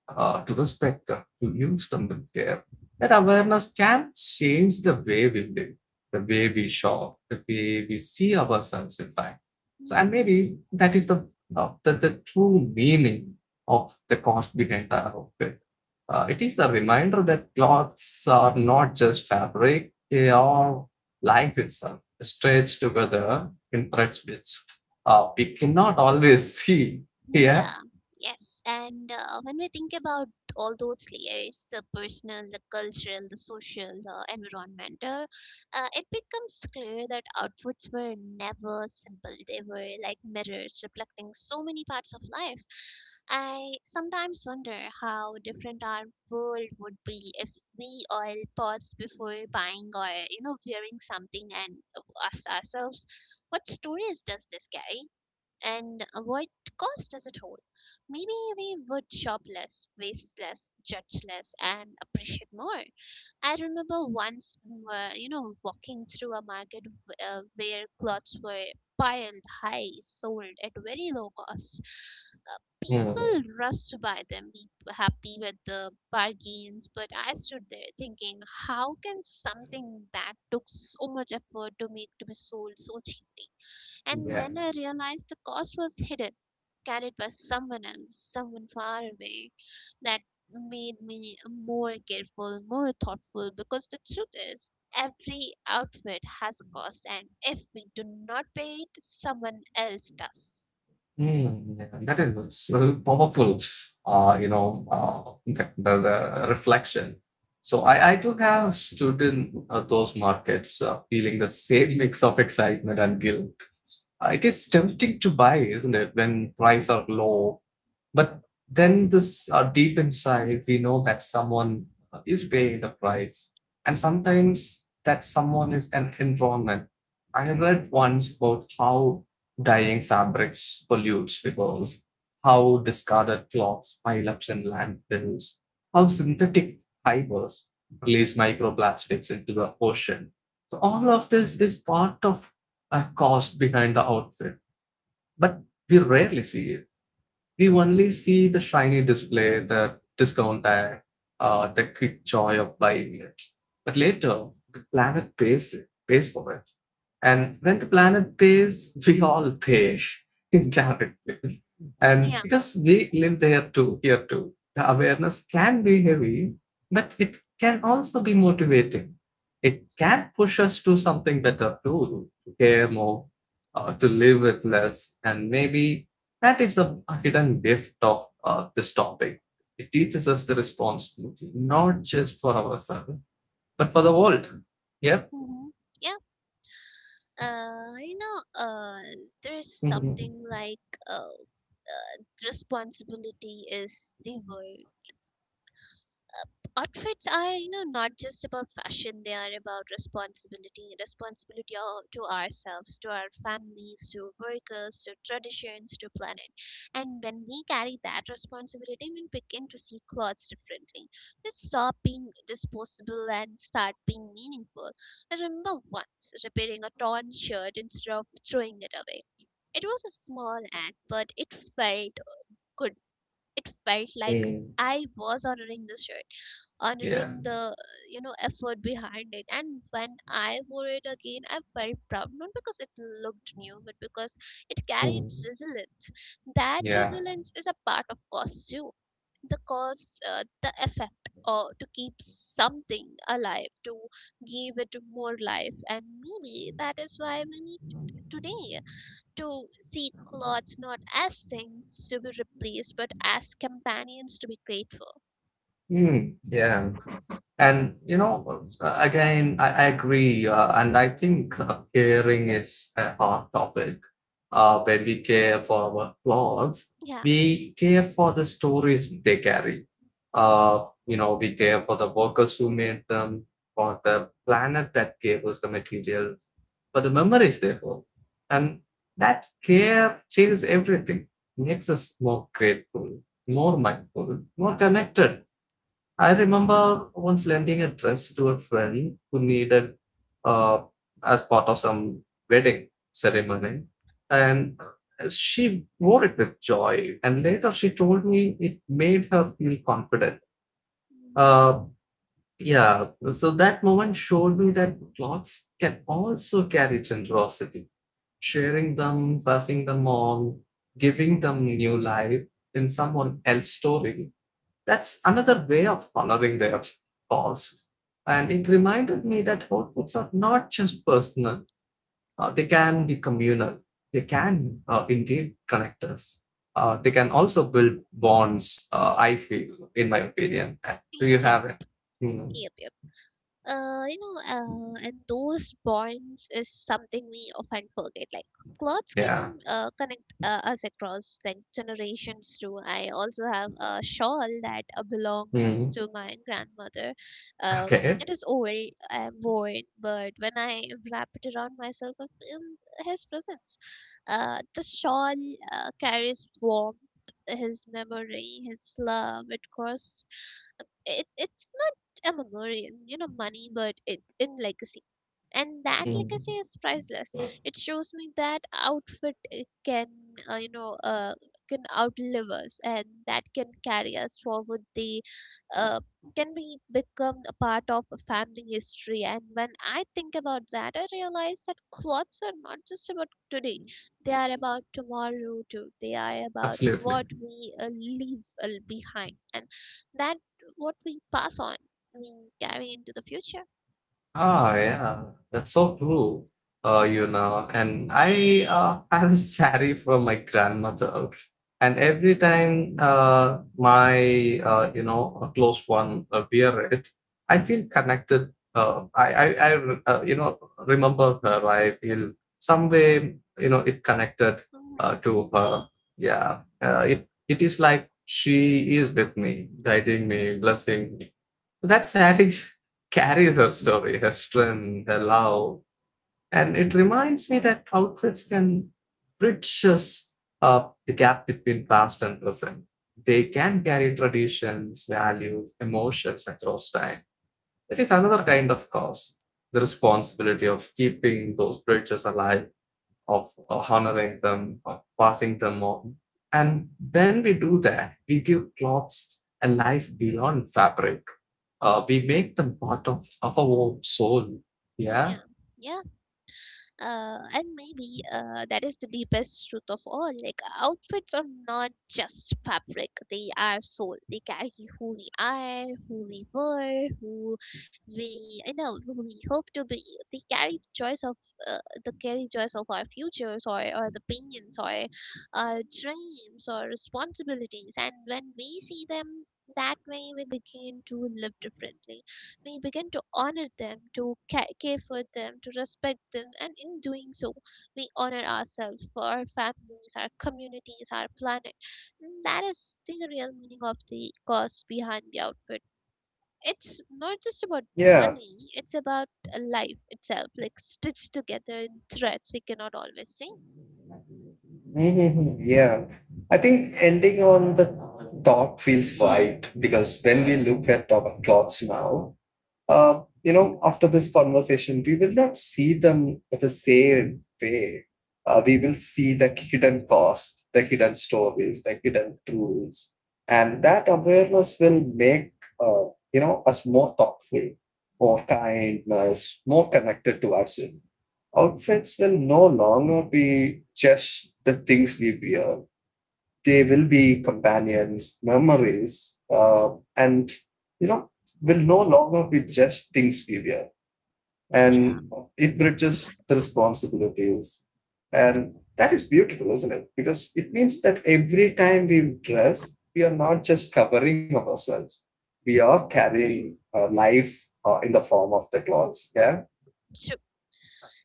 Speaker 2: to respect them, to use them with care. That awareness can change the way we live, the way we shop, the way we see ourselves, in fact. So, and
Speaker 1: Mm-hmm.
Speaker 2: maybe that is the true meaning of the cost behind the outfit. It is a reminder that clothes are not just fabric, they are life itself, stretched together in threads which we cannot always see. Yeah.
Speaker 1: Yeah, yes. And when we think about all those layers, the personal, the cultural, the social, the environmental, it becomes clear that outputs were never simple. They were like mirrors reflecting so many parts of life. I sometimes wonder how different our world would be if we all paused before buying or, you know, wearing something and asked ourselves, what stories does this carry? And avoid cost as a whole. Maybe we would shop less, waste less, judge less, and appreciate more. I remember once, you know, walking through a market where clothes were piled high, sold at very low cost.
Speaker 2: Mm.
Speaker 1: People rushed to buy them, be happy with the bargains, but I stood there thinking, how can something that took so much effort to make to be sold so cheaply? And
Speaker 2: Yeah.
Speaker 1: then I realized the cost was hidden, carried by someone else, someone far away. That made me more careful, more thoughtful, because the truth is, every outfit has a cost, and if we do not pay it, someone else does.
Speaker 2: Mm, yeah. That is so powerful, the reflection. So I do have stood in those markets feeling the same mix of excitement and guilt. It is tempting to buy, isn't it, when prices are low. But then this deep inside, we know that someone is paying the price. And sometimes that someone is an environment. I read once about how dyeing fabrics pollutes because how discarded cloths pile up in landfills, how synthetic fibers release microplastics into the ocean. So all of this is part of a cost behind the outfit, but we rarely see it. We only see the shiny display, the discount tag, the quick joy of buying it. But later, the planet pays, pays for it. And when the planet pays, we all pay indirectly. And
Speaker 1: Yeah.
Speaker 2: because we live there too, here too, the awareness can be heavy, but it can also be motivating. It can push us to something better too, to care more, to live with less. And maybe that is the hidden gift of this topic. It teaches us the responsibility, not just for ourselves, but for the world. Yep.
Speaker 1: hmm Yeah, you know, there's something like uh, uh, responsibility is the word. Outfits are, you know, not just about fashion, they are about responsibility. Responsibility all to ourselves, to our families, to workers, to traditions, to planet. And when we carry that responsibility, we begin to see clothes differently. They stop being disposable and start being meaningful. I remember once repairing a torn shirt instead of throwing it away. It was a small act, but it felt good. It felt like
Speaker 2: Mm.
Speaker 1: I was honoring the shirt, honoring
Speaker 2: Yeah.
Speaker 1: the, you know, effort behind it, and when I wore it again I felt proud, not because it looked new, but because it carried
Speaker 2: Mm.
Speaker 1: resilience. That
Speaker 2: Yeah.
Speaker 1: resilience is a part of cost too. The cost, the effect or to keep something alive, to give it more life. And maybe that is why we need today to see clothes not as things to be replaced but as companions to be grateful.
Speaker 2: Mm. Yeah. And you know, again, I agree, and I think caring is a hard topic. When we care for our clothes,
Speaker 1: Yeah.
Speaker 2: we care for the stories they carry. You know, we care for the workers who made them, for the planet that gave us the materials, for the memories they hold, and that care changes everything, makes us more grateful, more mindful, more connected. I remember once lending a dress to a friend who needed, uh, as part of some wedding ceremony, and she wore it with joy. And later, she told me it made her feel confident.
Speaker 1: Mhm.
Speaker 2: Uh, yeah, so that moment showed me that clothes can also carry generosity. Sharing them, passing them on, giving them new life in someone else's story, that's another way of honoring their calls. And it reminded me that outputs are not just personal, they can be communal. They can, indeed, connect us. They can also build bonds, I feel, in my opinion. Do you
Speaker 1: Yeah.
Speaker 2: have it? Mm.
Speaker 1: Yep, yep. You know, and those bonds is something we often forget. Like clothes can
Speaker 2: Yeah.
Speaker 1: connect us across like generations too. I also have a shawl that belongs
Speaker 2: Mm.
Speaker 1: to my grandmother. Um,
Speaker 2: Okay.
Speaker 1: it is old and worn, but when I wrap it around myself, I feel his presence. The shawl carries warmth, his memory, his love. It costs, it's not a memory, you know, money, but it in legacy, and that legacy
Speaker 2: Mm.
Speaker 1: is priceless. It shows me that outfit it can uh, you know uh, can outlive us, and that can carry us forward. They uh, can be become a part of a family history, and when I think about that I realize that clothes are not just about today, they are about tomorrow too. They are about
Speaker 2: Absolutely.
Speaker 1: what we leave behind, and that what we pass on, I mean, carry into the future.
Speaker 2: Oh yeah, that's so cool. You know, and I have a sari from my grandmother, and every time my you know, a close one wear it, I feel connected. I remember her. I feel some way, you know, it
Speaker 1: hmm
Speaker 2: connected to her. Yeah, it is like she is with me, guiding me, blessing me. That saree carries her story, her strength, her love. And it reminds me that outfits can bridge us up the gap between past and present. They can carry traditions, values, emotions across time. It is another kind of cause, the responsibility of keeping those bridges alive, of honoring them, of passing them on. And when we do that, we give clothes a life beyond fabric. We make them part of our own soul. Yeah.
Speaker 1: Yeah, yeah. And maybe that is the deepest truth of all. Like outfits are not just fabric, they are soul. They carry who we are, who we were, who we, you know, who we hope to be. They carry the choice of uh, the carry choice of our futures, or the pains, or our dreams, or responsibilities. And when we see them that way, we begin to live differently. We begin to honor them, to care for them, to respect them, and in doing so, we honor ourselves, for our families, our communities, our planet. And that is the real meaning of the cause behind the outfit. It's not just about
Speaker 2: Yeah.
Speaker 1: money, it's about life itself, like stitched together in threads we cannot always see.
Speaker 2: Mhm. Yeah, I think ending on the thought feels right because when we look at our clothes now, you know, after this conversation, we will not see them the same way. We
Speaker 1: hmm
Speaker 2: will see the hidden cost, the hidden stories, the hidden tools, and that awareness will make, uh, you know, us more thoughtful, more kindness, more connected to ourselves. Outfits will no longer be just the things we wear, they will be companions, memories, and you know, will no longer be just things we wear.
Speaker 1: Yeah.
Speaker 2: And it bridges the responsibilities. And that is beautiful, isn't it? Because it
Speaker 1: Mhm.
Speaker 2: means that every time we dress, we are not just covering up ourselves. We are carrying life in the form of the clothes. Yeah.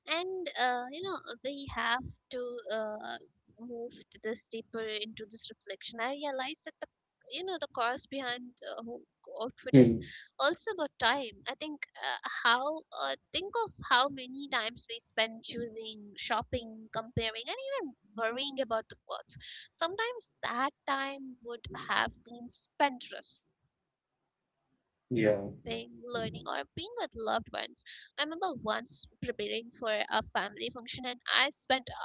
Speaker 1: And you know, we have to move to this deeper into this reflection. I realized that the, you know, the cause behind the whole outfit is
Speaker 2: Hmm.
Speaker 1: also about time. I think how think of how many times we spend choosing, shopping, comparing, and even worrying about the clothes. Sometimes that time would have been spent resting, learning, or being with
Speaker 2: Yeah.
Speaker 1: loved ones. I remember once preparing for a family function and I spent hours deciding what to wear.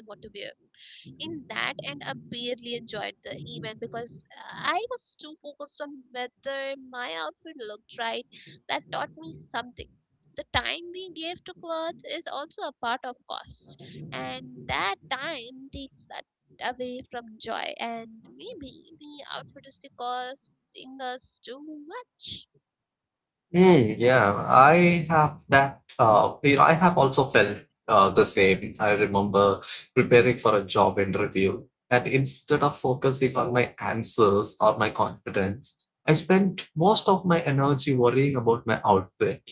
Speaker 1: In that end, I barely enjoyed the event because I was too focused on whether my outfit looked right. That taught me something. The time we give to clothes is also a part of cost, and that time takes away from joy. And maybe the outfit is the costing us too much.
Speaker 2: Mm, yeah, I have that. You know, I have also felt the same. I remember preparing for a job interview, and instead of focusing on my answers or my confidence, I spent most of my energy worrying about my outfit.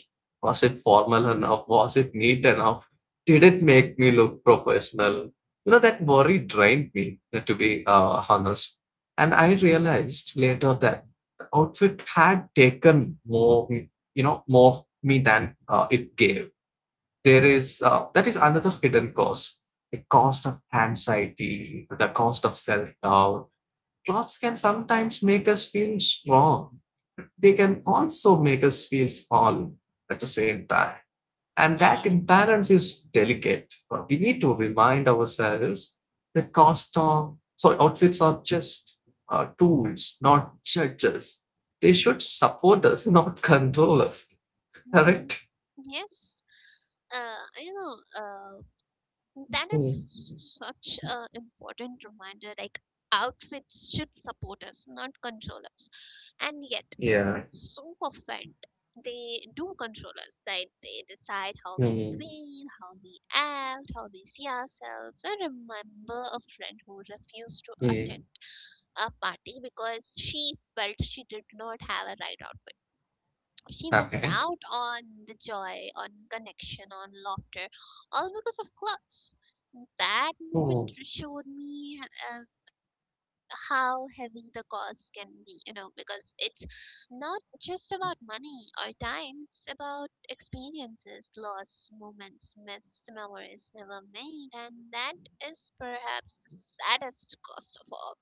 Speaker 2: Was it formal enough? Was it neat enough? Did it make me look professional? You know, that worry drained me, to be honest. And I realized later that the outfit had taken more, you know, more me than it gave. There is that is another hidden cost, the cost of anxiety, the cost of self-doubt. Clothes can sometimes make us feel strong, they can also make us feel small at the same time, and that
Speaker 1: Yes.
Speaker 2: imbalance is delicate. We need to remind ourselves the cost of, so outfits are just tools, not judges. They should support us not control us.
Speaker 1: hmm
Speaker 2: Correct.
Speaker 1: Yes, you know, that
Speaker 2: Hmm.
Speaker 1: is such a important reminder. Like outfits should support us, not control us. And yet,
Speaker 2: Yeah.
Speaker 1: so often they do control us. Like they decide how we
Speaker 2: Hmm.
Speaker 1: feel, how we act, how we see ourselves. I remember a friend who refused to
Speaker 2: Hmm.
Speaker 1: attend a party because she felt she did not have a right outfit. She missed
Speaker 2: Okay.
Speaker 1: out on the joy, on connection, on laughter, all because of clothes. That moment
Speaker 2: Hmm.
Speaker 1: showed me uh, how heavy the cost can be, you know, because it's not just about money or time, it's about experiences, lost moments, missed memories never made, and that is perhaps the saddest cost of all.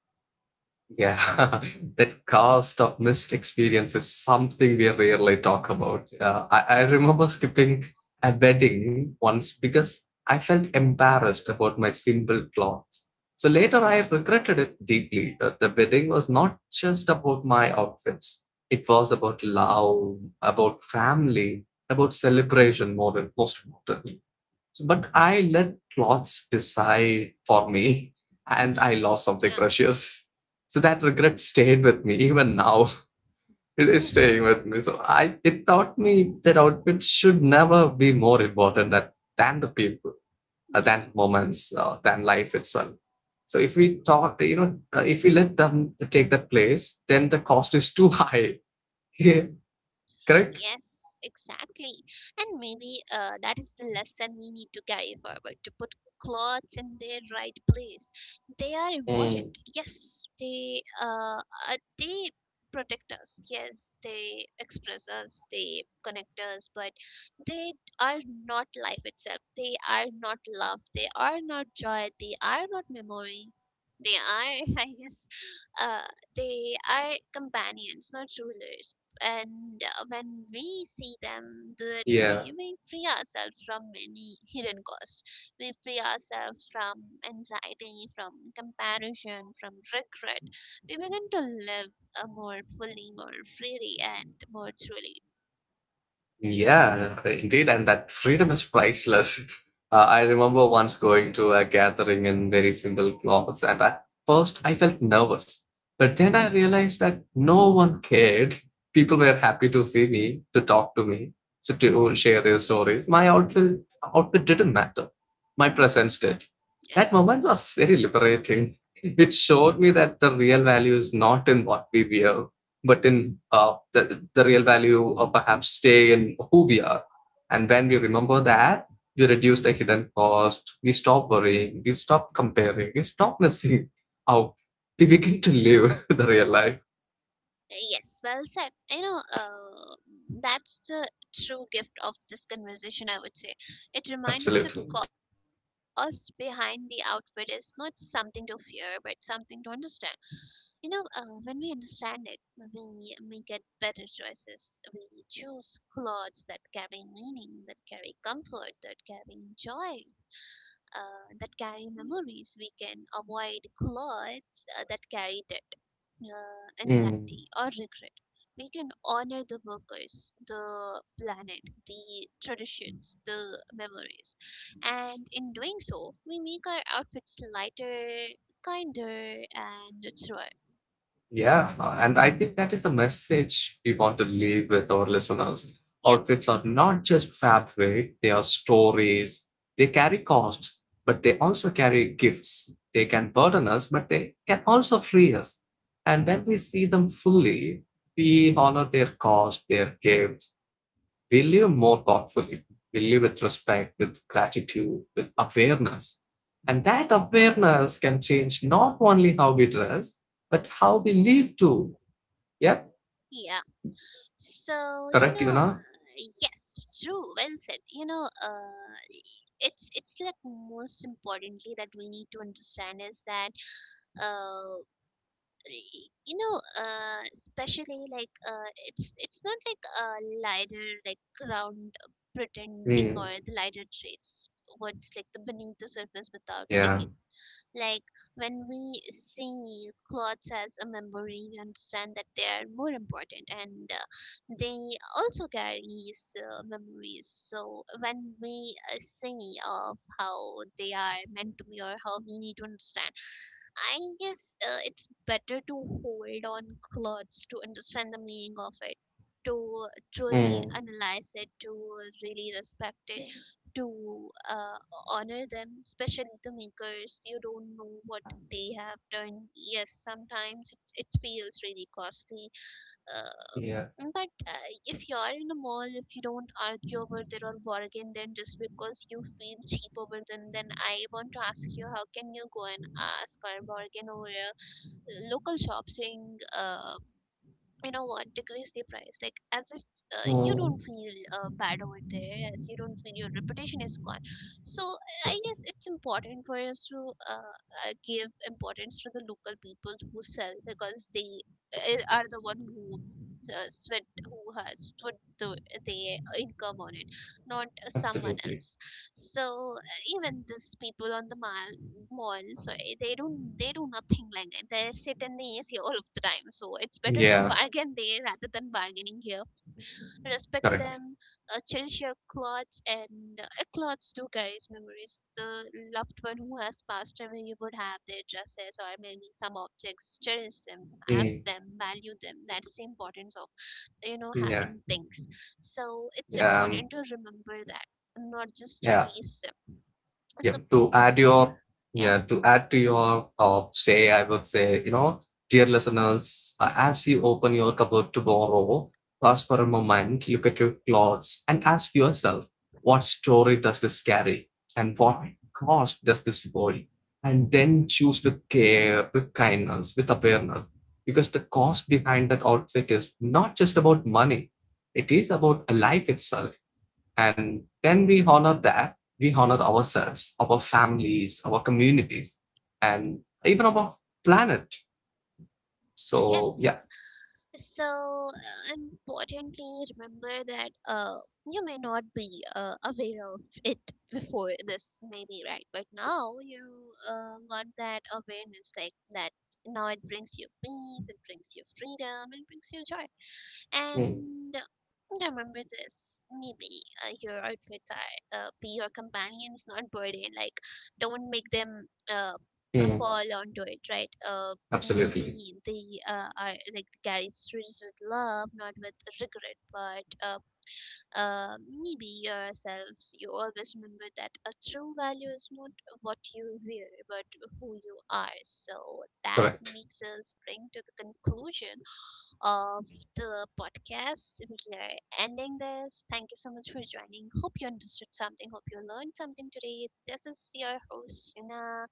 Speaker 2: Yeah. The cost of missed experience is something we rarely talk about. I remember skipping a wedding once because I felt embarrassed about my simple clothes. So later I regretted it deeply. The wedding was not just about my outfits, it was about love, about family, about celebration more than most important. So, but I let clothes decide for me, and I lost something precious. So that regret stayed with me even now. It is staying with me. So I it taught me that outfits should never be more important than the people,
Speaker 1: Yeah.
Speaker 2: than moments, than life itself. So if we talk, you know, if we let them take that place, then the cost is too high. Yeah, correct?
Speaker 1: Yes, exactly. And maybe that is the lesson we need to carry forward, to put clothes in their right place. They are
Speaker 2: Mm.
Speaker 1: important. Yes, they protect us. Yes, they express us. They connect us. But they are not life itself. They are not love. They are not joy. They are not memory. They are, I guess, uh, they are companions, not rulers. And when we see them do it,
Speaker 2: Yeah.
Speaker 1: we free ourselves from many hidden costs. We free ourselves from anxiety, from comparison, from regret. We begin to live more fully, more freely, and more truly.
Speaker 2: Yeah, indeed, and that freedom is priceless. I remember once going to a gathering in very simple clothes, and at first I felt nervous. But then I realized that no one cared. People were happy to see me, to talk to me, so to share their stories. My outfit didn't matter. My
Speaker 1: Mhm.
Speaker 2: presence did. That
Speaker 1: Yes.
Speaker 2: moment was very liberating. It showed me that the real value is not in what we wear, but in the real value or perhaps stay in who we are. And when we remember
Speaker 1: Mm-hmm.
Speaker 2: that, we reduce the hidden cost, we stop worrying, we stop comparing, we stop missing out. We begin to live the real life.
Speaker 1: Yes, well said. You know, that's the true gift of this conversation, I would say. It reminds us that
Speaker 2: Absolutely.
Speaker 1: cost behind the outfit is not something to fear, but something to understand. You know, when we understand it, we get better choices. We choose clothes that carry meaning, that carry comfort, that carry joy, that carry memories. We can avoid clothes that carry debt,
Speaker 2: Mm.
Speaker 1: anxiety, or regret. We can honor the workers, the planet, the traditions, the memories. And in doing so, we make our outfits lighter, kinder, and truer.
Speaker 2: Yeah, and I think that is the message we want to leave with our listeners.
Speaker 1: Yep,
Speaker 2: Outfits are not just fabric, they are stories. They carry costs, but they also carry gifts. They can burden us, but they can also free us. And when we see them fully, we honor their cost, their gifts. We live more thoughtfully. We live with respect, with gratitude, with awareness. And that awareness can change not only how we dress, but how we live too. Yeah,
Speaker 1: yeah. So, you
Speaker 2: correct, you
Speaker 1: know,
Speaker 2: know.
Speaker 1: yes, true, well said. You know, it's like most importantly that we need to understand is that uh. Especially like it's not like a lighter like ground pretending or
Speaker 2: Mm,
Speaker 1: the lighter traits, what's like the beneath the surface without
Speaker 2: yeah.
Speaker 1: digging. Like when we see clothes as a memory, we understand that they are more important, and they also carry memories. So when we see of how they are meant to be or how we need to understand, I guess it's better to hold on clothes to understand the meaning of it, to truly
Speaker 2: Mm,
Speaker 1: analyze it, to really respect it, to honor them, especially the makers. You don't know what they have done. Yes, sometimes it feels really costly. Uh,
Speaker 2: yeah.
Speaker 1: but if you're in a mall, if you don't argue over there or bargain, then just because you feel cheap over them, then I want to ask you, how can you go and ask or bargain over a local shop, saying, you know, what, decrease the price, like as if you don't
Speaker 2: Mm,
Speaker 1: feel bad over there, as you don't feel your reputation is gone. So I guess it's important for us to uh, give importance to the local people who sell, because they are the one who sweat, who has put their income on it, not someone
Speaker 2: absolutely.
Speaker 1: else. So even these people on the mall, sorry, they do nothing like that. They sit in the AC all of the time. So it's better to
Speaker 2: Yeah,
Speaker 1: bargain there rather than bargaining here. Respect
Speaker 2: correct.
Speaker 1: them, cherish your clothes, and clothes do carries memories. The loved one who has passed away, you would have their dresses or maybe some objects. Cherish them, have
Speaker 2: Mm,
Speaker 1: them, value them. That's the importance of, you know,
Speaker 2: yeah.
Speaker 1: having things. So it's
Speaker 2: Yeah.
Speaker 1: important to remember that, not just to
Speaker 2: Yeah.
Speaker 1: waste them.
Speaker 2: yeah
Speaker 1: So
Speaker 2: to add
Speaker 1: please.
Speaker 2: your
Speaker 1: Yeah.
Speaker 2: yeah to add to your say, I would say, you know, dear listeners, as you open your cupboard tomorrow, pause for a moment, look at your clothes and ask yourself, what story does this carry, and what cost does this hold? And then choose with care, with kindness, with awareness, because the cost behind that outfit is not just about money, it is about a life itself. And when we honor that, we honor ourselves, our families, our communities, and even our planet. So, yeah.
Speaker 1: Yes. So importantly, remember that you may not be aware of it before this, maybe right, but now you got that awareness, like that. Now it brings you peace, it brings you freedom, it brings you joy.
Speaker 2: Mm.
Speaker 1: And remember this. Maybe your outfits are be your companions, not burden. Like, don't make them
Speaker 2: Mm,
Speaker 1: fall onto it, right?
Speaker 2: absolutely.
Speaker 1: Maybe they are like carry stories with love, not with regret. But maybe yourselves, you always remember that a true value is not what you wear, but who you are. So that
Speaker 2: Correct.
Speaker 1: makes us bring to the conclusion of the podcast. We are ending this. Thank you so much for joining. Hope you understood something. Hope you learned something today. This is your host, Yuna,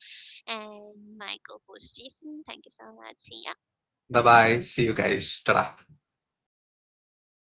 Speaker 1: and my co host, Jason. Thank you so much. See ya.
Speaker 2: Bye bye. See you guys. Ta.